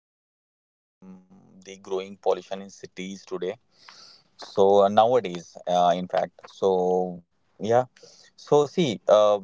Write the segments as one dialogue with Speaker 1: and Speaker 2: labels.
Speaker 1: something like the growing pollution in cities today. So nowadays, in fact, so yeah, so see,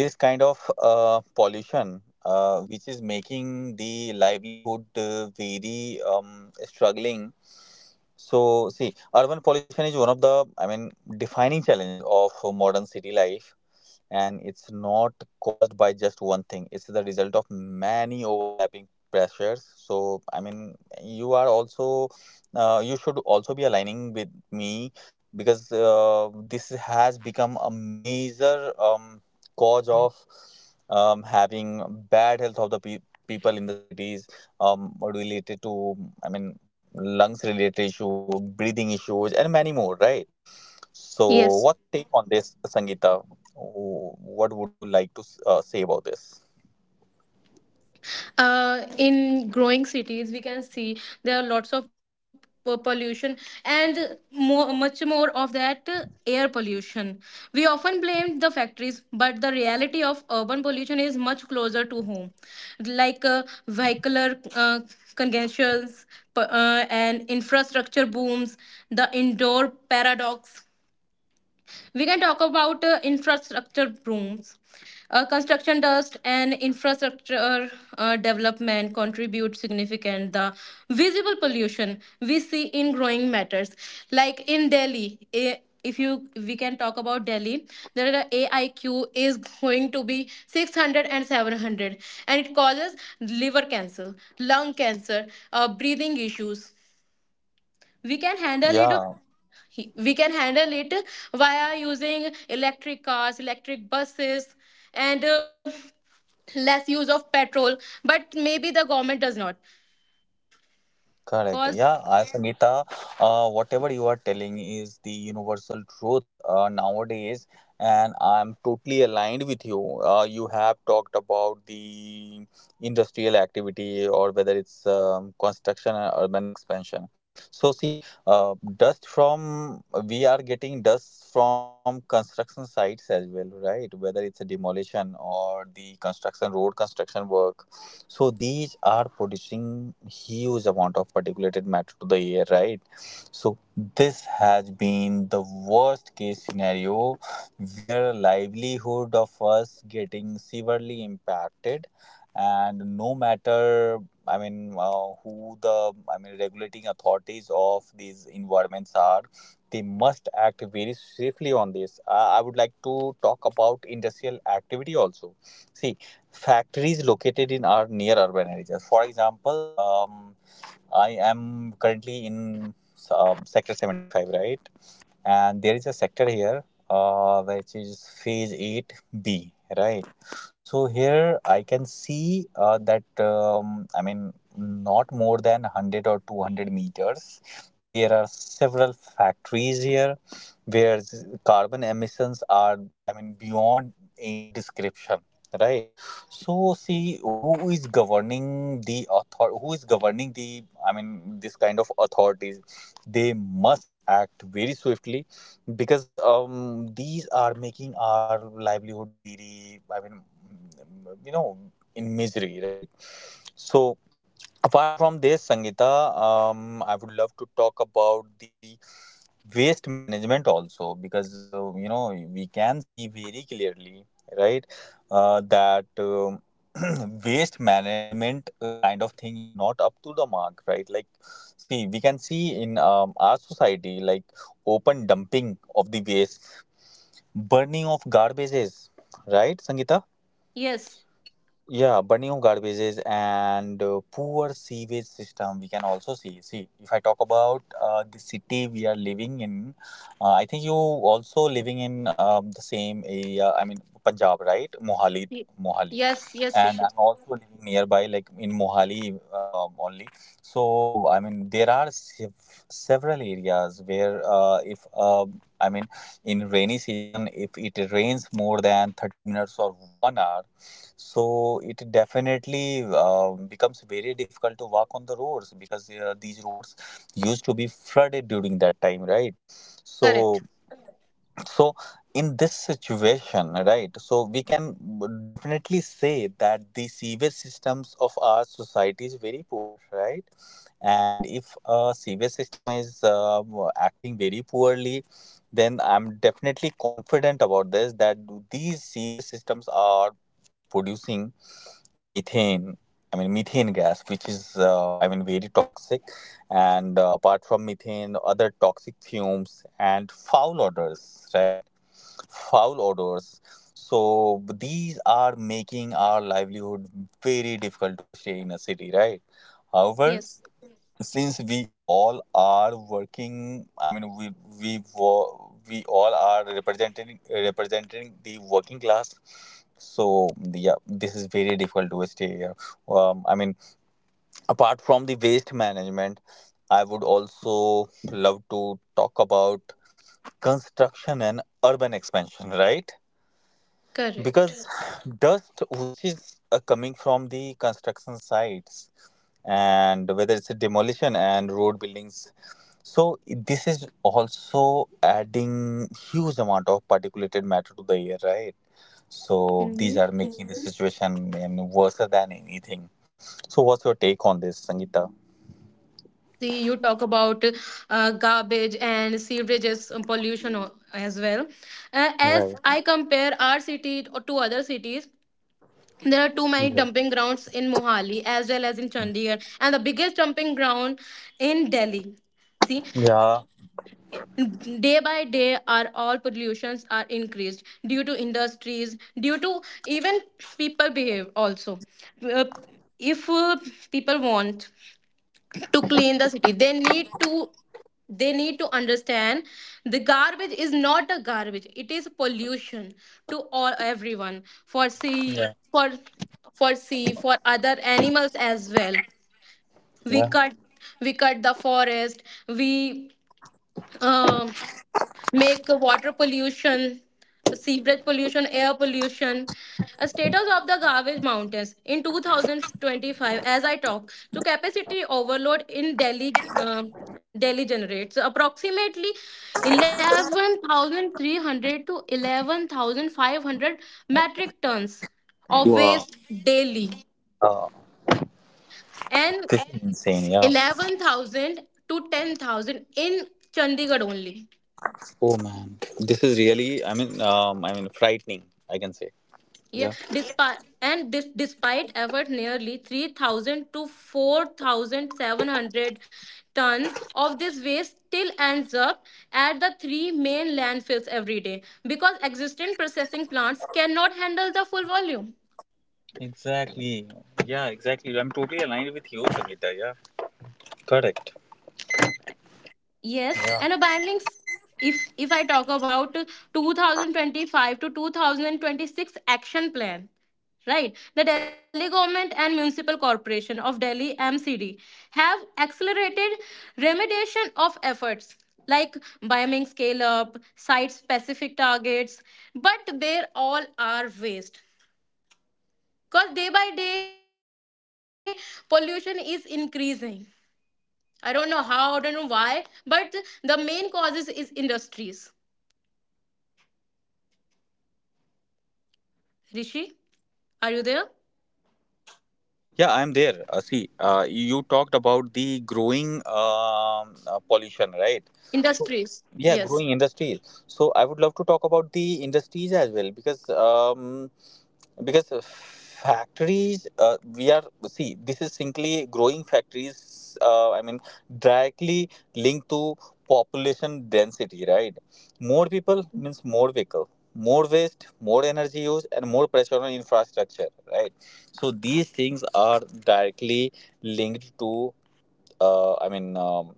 Speaker 1: this kind of pollution, which is making the livelihood very struggling. So see, urban pollution is one of the, I mean, defining challenges of modern city life, and it's not caused by just one thing. It's the result of many overlapping pressures. So I mean, you are also, you should also be aligning with me because this has become a major cause of having bad health of the people in the cities, related to, I mean, lungs related issue, breathing issues, and many more, right? So, what's
Speaker 2: Yes.
Speaker 1: your take on this, Sangeeta? What would you like to say about this?
Speaker 2: In growing cities, we can see there are lots of pollution and more, much more of that air pollution. We often blame the factories, but the reality of urban pollution is much closer to home, like vehicular congestions, and infrastructure booms, the indoor paradox. We can talk about infrastructure brooms. Construction dust and infrastructure development contribute significant the visible pollution we see in growing matters like in Delhi, eh, if you we can talk about Delhi. There the aiq is going to be 600 and 700, and it causes liver cancer, lung cancer, breathing issues. we can handle it
Speaker 1: Yeah.
Speaker 2: we can handle it via using electric cars, electric buses, and less use of petrol, but maybe the government does not
Speaker 1: Correct.
Speaker 2: cause.
Speaker 1: Yeah, I Sangeeta, whatever you are telling is the universal truth nowadays, and I'm totally aligned with you. You have talked about the industrial activity, or whether it's construction and urban expansion. So, see, dust from we are getting dust from construction sites as well, right? Whether it's a demolition or the construction road construction work. So these are producing huge amount of particulated matter to the air, right? So this has been the worst case scenario where livelihood of us getting severely impacted. And no matter, I mean, who the I mean, regulating authorities of these environments are, they must act very safely on this. I would like to talk about industrial activity also. See, factories located in or near urban areas. For example, I am currently in, sector 75, right? And there is a sector here, which is phase 8B, right? So here I can see that, I mean, not more than 100 or 200 meters, there are several factories here where carbon emissions are, I mean, beyond any description, right? So see, who is governing the, I mean, this kind of authorities. They must act very swiftly because these are making our livelihood very, I mean, in misery, right? So apart from this, Sangita, I would love to talk about the waste management also because, we can see very clearly, right? That, waste management kind of thing is not up to the mark, right? Like, see, we can see in, our society, like open dumping of the waste, burning of garbages, right Sangita?
Speaker 2: Yes.
Speaker 1: Yeah, burning of garbages and poor sewage system we can also see. See, if I talk about the city we are living in, I think you also living in, the same area. I mean, Punjab, right? Mohali,
Speaker 2: Y-
Speaker 1: Mohali,
Speaker 2: yes, yes,
Speaker 1: and
Speaker 2: Rishi.
Speaker 1: I'm also living nearby, like in Mohali only. So I mean, there are several areas where, if, I mean, in rainy season, if it rains more than 30 minutes or 1 hour, so it definitely becomes very difficult to walk on the roads because these roads used to be flooded during that time, right? So,
Speaker 2: Correct.
Speaker 1: so in this situation, right? So we can definitely say that the sewage systems of our society is very poor, right? And if a sewage system is acting very poorly, then I'm definitely confident about this that these sewage systems are producing methane, I mean methane gas, which is, I mean, very toxic, and apart from methane, other toxic fumes and foul odors, right? Foul odors. So these are making our livelihood very difficult to stay in a city, right? However,
Speaker 2: Yes.
Speaker 1: since we all are working, I mean, we all are representing the working class. So yeah, this is very difficult to stay here. I mean, apart from the waste management, I would also love to talk about construction and urban expansion, right?
Speaker 2: Correct.
Speaker 1: Because dust which is coming from the construction sites, and whether it's a demolition and road buildings, so this is also adding huge amount of particulated matter to the air, right? So
Speaker 2: Hmm.
Speaker 1: these are making the, Mhm, situation, I mean, worse than anything. So what's your take on this, Sangeeta?
Speaker 2: See, you talk about garbage and sewages, pollution as well, as
Speaker 1: Right.
Speaker 2: I compare our city to other cities. There are too many
Speaker 1: Yeah.
Speaker 2: dumping grounds in Mohali as well as in Chandigarh, and the biggest dumping ground in Delhi. See,
Speaker 1: Yeah,
Speaker 2: day by day, our all pollutions are increased due to industries, due to even people behave also. Uh, if people want to clean the city, they need to understand the garbage is not a garbage, it is pollution to all, everyone, for sea, for for sea, for other animals as well. we
Speaker 1: yeah.
Speaker 2: cut we cut the forest, we um make water pollution, sewerage pollution, air pollution. A status of the garbage mountains in 2025, as I talk, to capacity overload in Delhi. Delhi generates approximately 11,300 to 11,500 metric tons of waste daily,
Speaker 1: Uh,
Speaker 2: and
Speaker 1: this is insane. Yeah.
Speaker 2: 11,000 to 10,000 in Chandigarh only.
Speaker 1: Oh man, this is really, I mean, frightening. I can say.
Speaker 2: Yeah,
Speaker 1: Yeah.
Speaker 2: despite, and this despite effort, nearly 3,000 to 4,700 ton of this waste still ends up at the three main landfills every day because existing processing plants cannot handle the full volume.
Speaker 1: Exactly. Yeah. Exactly. I'm totally aligned with you, Sangeeta. Yeah. Correct.
Speaker 2: Yes, and a bilingual. If I talk about 2025 to 2026 action plan, right? The Delhi government and Municipal Corporation of Delhi MCD have accelerated remediation of efforts like bioming scale up, site specific targets, but they all are waste because day by day pollution is increasing. I don't know how, I don't know why, but the main causes is industries. Rishi, are you there?
Speaker 1: Yeah, I'm there. See, you talked about the growing, pollution, right?
Speaker 2: Industries.
Speaker 1: So,
Speaker 2: Yes.
Speaker 1: yeah, growing industries. So I would love to talk about the industries as well because factories, we are see, this is simply growing factories, I mean, directly linked to population density, right? More people means more vehicle, more waste, more energy use, and more pressure on infrastructure, right? So these things are directly linked to, I mean,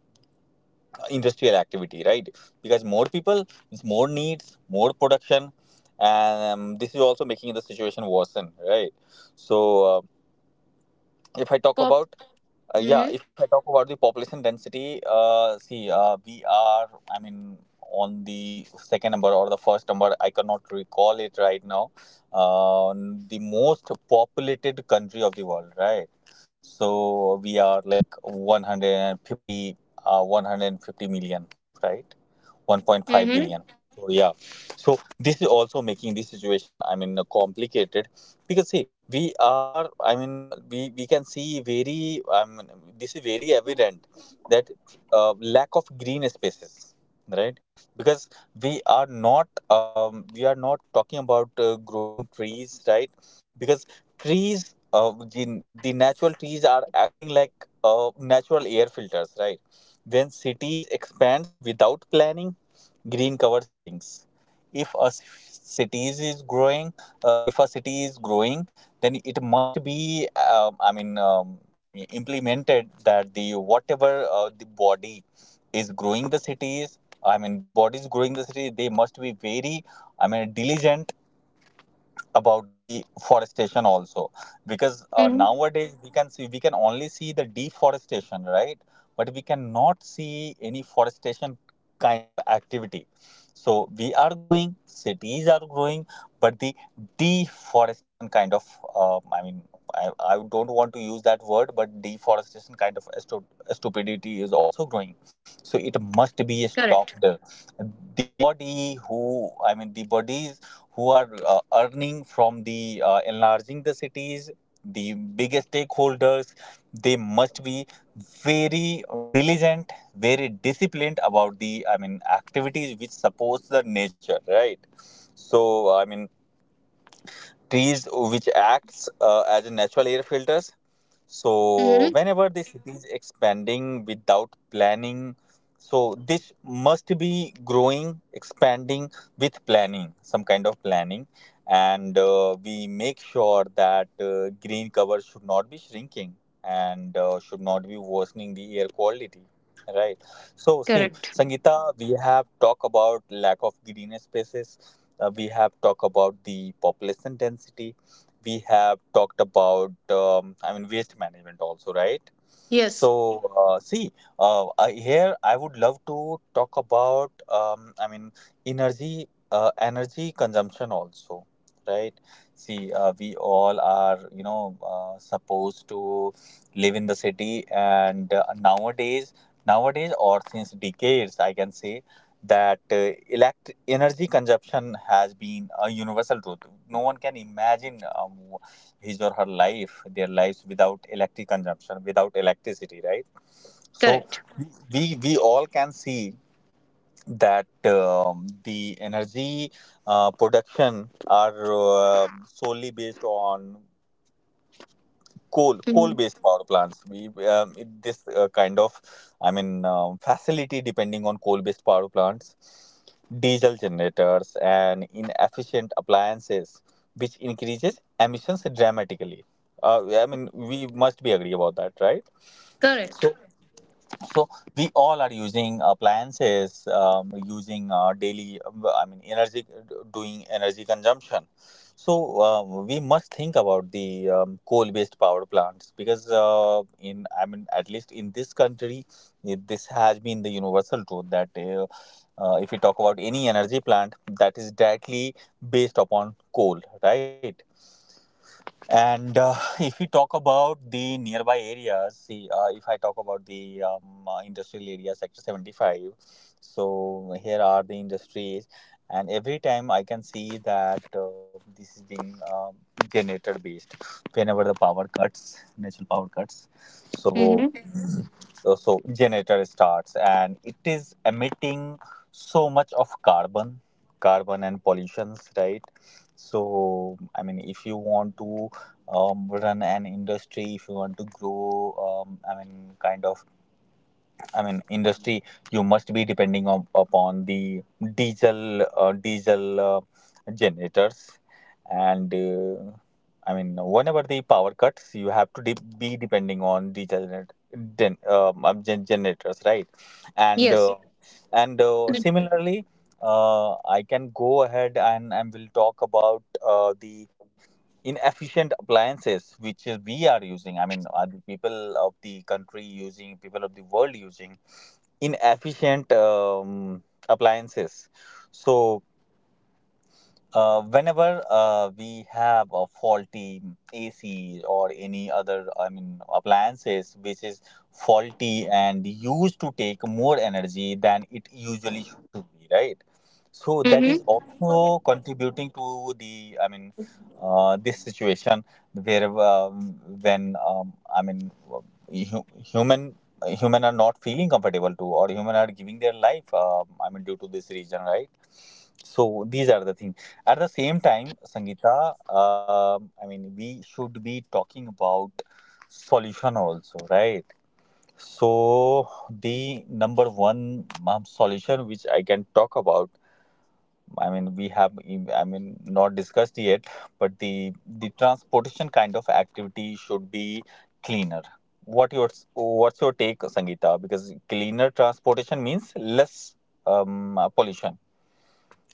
Speaker 1: industrial activity, right? Because more people means more needs, more production, and, this is also making the situation worsen, right? So if I talk
Speaker 2: Pop.
Speaker 1: about yeah,
Speaker 2: Mm-hmm.
Speaker 1: if I talk about the population density, see, we are, I mean, on the second number or the first number, I cannot recall it right now. Uh, the most populated country of the world, right? So we are like 150, 150 million, right? 1.5
Speaker 2: Mm-hmm.
Speaker 1: billion. So yeah, so this is also making this situation, I mean, complicated. Because see, we are, I mean, we can see very, I mean, this is very evident that, lack of green spaces, right? Because we are not talking about growing trees, right? Because trees, the natural trees are acting like natural air filters, right? When cities expands without planning, green cover shrinks. If a cities is growing If a city is growing, then it must be, I mean, implemented that the whatever, the body is growing the cities, I mean, the bodies growing the city, they must be very, I mean, diligent about the forestation also. Because
Speaker 2: Mm-hmm.
Speaker 1: nowadays, we can only see the deforestation, right? But we cannot see any forestation kind of activity. So, we are growing cities are growing, but the deforestation kind of, I mean, I don't want to use that word, but deforestation kind of stupidity is also growing. So it must
Speaker 2: Correct.
Speaker 1: be stopped. The body who I mean, the bodies who are earning from the enlarging the cities, the biggest stakeholders, they must be very diligent, very disciplined about the, I mean, activities which supports the nature, right? So I mean, trees which acts, as a natural air filters. So,
Speaker 2: Mm-hmm.
Speaker 1: whenever the city is expanding without planning, so this must be growing, expanding with planning, some kind of planning. And we make sure that green cover should not be shrinking, and should not be worsening the air quality. Right. So, see,
Speaker 2: Correct.
Speaker 1: Sangeeta, we have talked about lack of green spaces. We have talked about the population density. We have talked about, I mean, waste management also, right?
Speaker 2: Yes.
Speaker 1: So see, here I would love to talk about, I mean, energy consumption also, right? See, we all are, supposed to live in the city, and nowadays, or since decades, I can say that, energy consumption has been a universal truth. No one can imagine, his or her life, their lives without electric consumption, without electricity, right? So
Speaker 2: Correct.
Speaker 1: we all can see that, the energy production are, solely based on coal
Speaker 2: Mm-hmm.
Speaker 1: based power plants. This, kind of, I mean, facility depending on coal based power plants, diesel generators, and inefficient appliances, which increases emissions dramatically, I mean, we must be agree about that, right?
Speaker 2: Correct.
Speaker 1: So we all are using, appliances, using daily, I mean, energy, doing energy consumption. So, we must think about the, coal based power plants because, in I mean, at least in this country, this has been the universal truth that, if we talk about any energy plant, that is directly based upon coal, right? And if we talk about the nearby areas, see, if I talk about the, industrial area, Sector 75, so here are the industries. And every time I can see that, this is being, generator based whenever the power cuts, natural power cuts. So,
Speaker 2: Mm-hmm.
Speaker 1: so, generator starts and it is emitting so much of carbon and pollutions, right? So, I mean, if you want to run an industry, if you want to grow, industry, you must be depending on, upon the diesel diesel generators, and whenever the power cuts, you have to be depending on diesel generators, right? And uh,
Speaker 2: Yes.
Speaker 1: and similarly, I can go ahead and will talk about the inefficient appliances which is we are using. I mean, are the people of the country using, people of the world using inefficient appliances. So whenever we have a faulty AC or any other, I mean, appliances which is faulty and used to take more energy than it usually should be, right? So that is
Speaker 2: Mm-hmm.
Speaker 1: also contributing to the, I mean, this situation where when I mean, hu- human human are not feeling comfortable to, or human are giving their life, I mean, due to this reason, right? So these are the things. At the same time, Sangeeta, I mean, we should be talking about solution also, right? So the number one solution which I can talk about, I mean, we have, I mean, not discussed yet, but the transportation kind of activity should be cleaner. What's your take, Sangeeta? Because cleaner transportation means less pollution.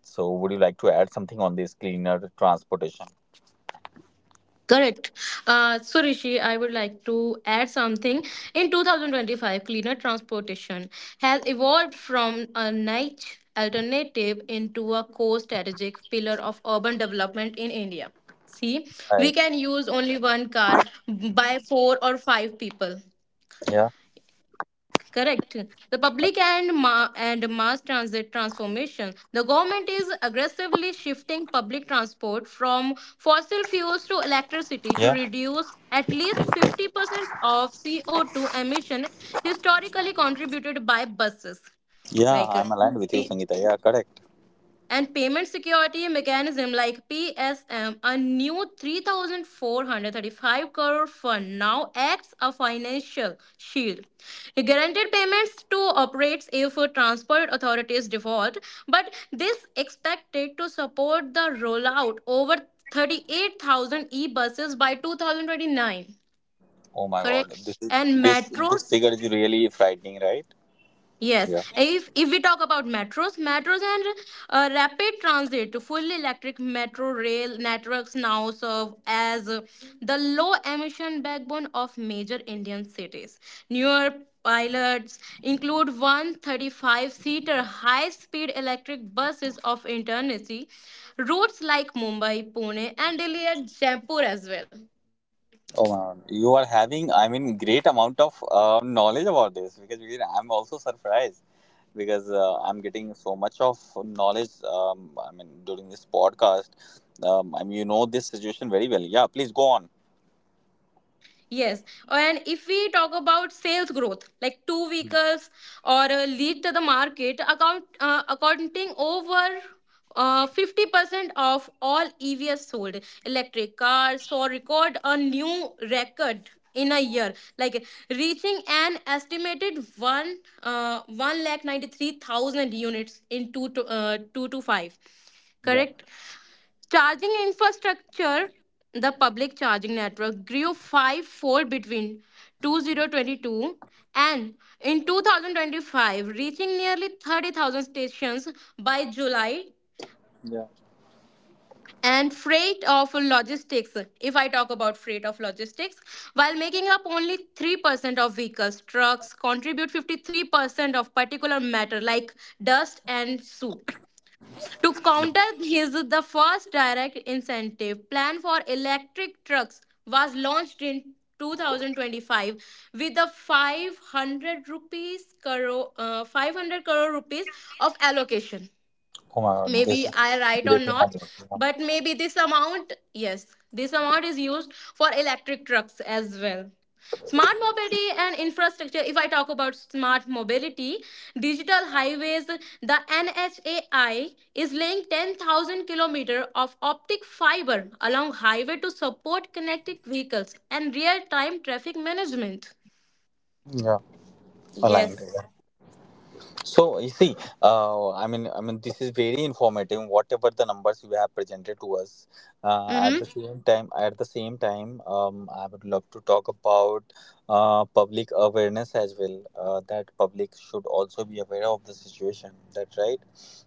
Speaker 1: So would you like to add something on this cleaner transportation?
Speaker 2: Correct. So, Rishi, I would like to add something. In 2025, cleaner transportation has evolved from a niche alternative into a core strategic pillar of urban development in India. See, we
Speaker 1: Right.
Speaker 2: can use only one car by four or five people.
Speaker 1: Yeah.
Speaker 2: Correct. The public and mass transit transformation. The government is aggressively shifting public transport from fossil fuels to electricity to
Speaker 1: Yeah.
Speaker 2: reduce at least 50% of CO2 emission historically contributed by buses.
Speaker 1: Yeah,
Speaker 2: Like
Speaker 1: I'm aligned with you, Sangeeta. Yeah. Correct.
Speaker 2: and payment security mechanism like PSM, a new 3,435 crore fund now acts a financial shield. Guaranteed payments to operates if transport authorities default, but this expected to support the rollout over 38,000 e-buses by 2029.
Speaker 1: Oh my God. This
Speaker 2: Correct.
Speaker 1: is-
Speaker 2: And
Speaker 1: this this
Speaker 2: metros.
Speaker 1: figure is really frightening, right?
Speaker 2: Yes,
Speaker 1: Yeah.
Speaker 2: if we talk about metros and rapid transit, full electric metro rail networks now serve as the low emission backbone of major Indian cities. Newer pilots include 135 seater high speed electric buses of Intercity routes like Mumbai, Pune, and Delhi and Jaipur as well.
Speaker 1: Oh my God. You are having, I mean, great amount of knowledge about this, because you know, I'm also surprised because I'm getting so much of knowledge. I mean, during this podcast, I mean, you know this situation very well. Yeah. Please go on.
Speaker 2: Yes. And if we talk about sales growth, like two vehicles or a lead to the market, accounting over 50% of all EVs sold, electric cars, saw record a new record in a year, like reaching an estimated 1,93,000 units in two to five.
Speaker 1: Yeah.
Speaker 2: Correct. Charging infrastructure, the public charging network grew fivefold between 2022 and in 2025, reaching nearly 30,000 stations by July. And freight of logistics, if I talk about freight of logistics, while making up only 3% of vehicles, trucks contribute 53% of particulate matter like dust and soot. To counter his the first direct incentive plan for electric trucks was launched in 2025 with a 500 rupees crore, 500 crore rupees of allocation.
Speaker 1: Oh my God.
Speaker 2: Maybe
Speaker 1: This is
Speaker 2: I write or
Speaker 1: great to know
Speaker 2: not,
Speaker 1: about.
Speaker 2: but maybe this amount, yes, this amount is used for electric trucks as well. Smart mobility and infrastructure. If I talk about smart mobility, digital highways, the NHAI is laying 10,000 kilometer of optic fiber along highway to support connected vehicles and real time traffic management.
Speaker 1: Yeah, yeah. Aligned.
Speaker 2: Yes.
Speaker 1: So you see, this is very informative. Whatever the numbers you have presented to us, at
Speaker 2: Mm-hmm.
Speaker 1: the same time, at the same time, I would love to talk about public awareness as well. That public should also be aware of the situation. That right?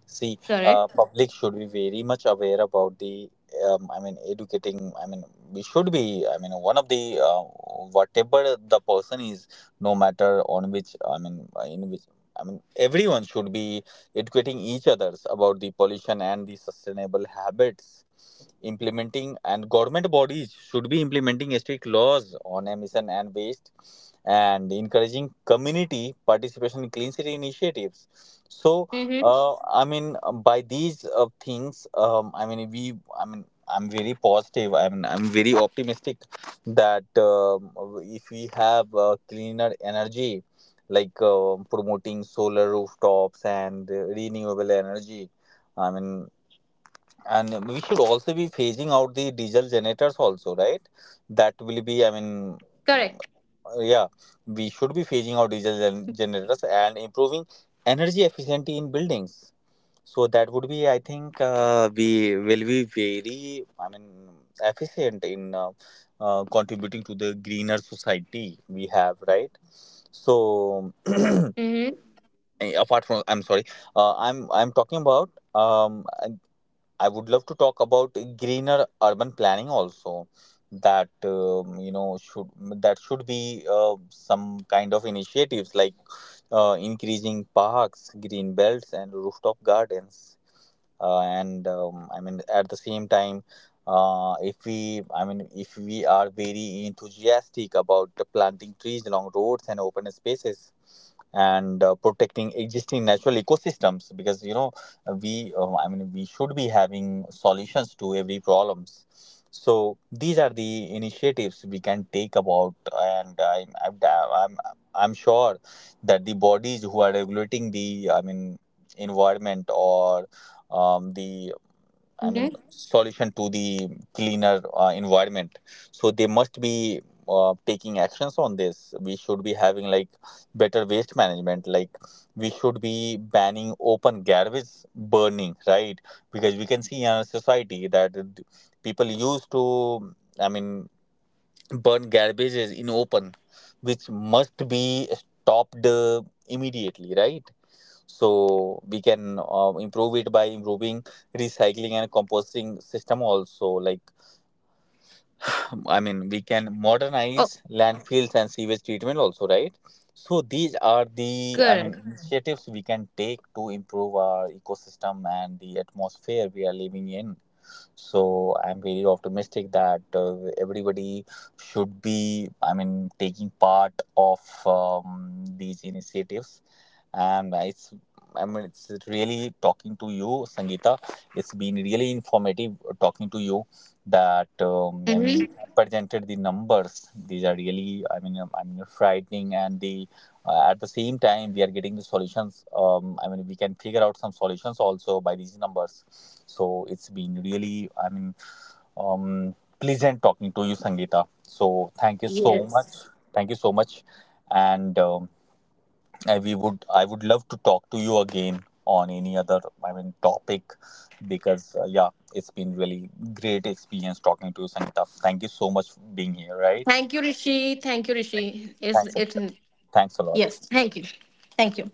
Speaker 1: See,
Speaker 2: Correct.
Speaker 1: public should be very much aware about the. I mean, educating. I mean, we should be. I mean, one of the whatever the person is, no matter on which. I mean, in which I mean, everyone should be educating each others about the pollution and the sustainable habits. Implementing and government bodies should be implementing strict laws on emission and waste, and encouraging community participation in clean city initiatives. So,
Speaker 2: Mm-hmm.
Speaker 1: uh, I mean, by these things, I mean, we, I mean, I'm very positive. I'm very optimistic that if we have cleaner energy, like promoting solar rooftops and renewable energy. I mean, and we should also be phasing out the diesel generators also, right? That will
Speaker 2: Correct.
Speaker 1: be, I mean, mm, yeah, we should be phasing out diesel generators and improving energy efficiency in buildings. So that would be, I think, we will be very, I mean, efficient in contributing to the greener society we have, right? So.
Speaker 2: Mm-hmm.
Speaker 1: Eh, apart from, I'm sorry, I'm talking about, I would love to talk about greener urban planning also, that you know, should, that should be some kind of initiatives like increasing parks, green belts, and rooftop gardens. And I mean, at the same time, if we, I mean, if we are very enthusiastic about the planting trees along roads and open spaces, and protecting existing natural ecosystems, because you know we I mean we should be having solutions to every problems. So these are the initiatives we can take about, and I'm I'm sure that the bodies who are regulating the, I mean, environment or
Speaker 2: Mm-hmm.
Speaker 1: the, I mean, solution to the cleaner environment. So they must be taking actions on this. We should be having, like, better waste management. Like, we should be banning open garbage burning, right? Because we can see in our society that people used to, I mean, burn garbages in open, which must be stopped immediately, right? So we can improve it by improving recycling and composting system also, like I mean we
Speaker 2: Oh,
Speaker 1: can modernize landfills and sewage treatment also, right? So these are
Speaker 2: correct.
Speaker 1: the, I mean, initiatives we can take to improve our ecosystem and the atmosphere we are living in. So I'm very optimistic that everybody should be, I mean, taking part of these initiatives, and it's I mean it's really talking to you, Sangeeta. It's been really informative talking to you. That
Speaker 2: Mm-hmm.
Speaker 1: I mean you have presented the numbers. These are really, I mean, I mean, frightening, and the at the same time we are getting the solutions. I mean we can figure out some solutions also by these numbers. So it's been really, I mean, um, pleasant talking to you, Sangeeta. So thank you so
Speaker 2: Yes.
Speaker 1: much. Thank you so much, and. I would love to talk to you again on any other, I mean, topic, because yeah, it's been really great experience talking to you, Sangeeta. Thank you so much for being here. Right?
Speaker 2: Thank you, Rishi. Thank you,
Speaker 1: Thank you.
Speaker 2: Rishi. Is
Speaker 1: Thanks.
Speaker 2: it?
Speaker 1: Sangeeta. Thanks a lot.
Speaker 2: Yes. Thank you. Thank you.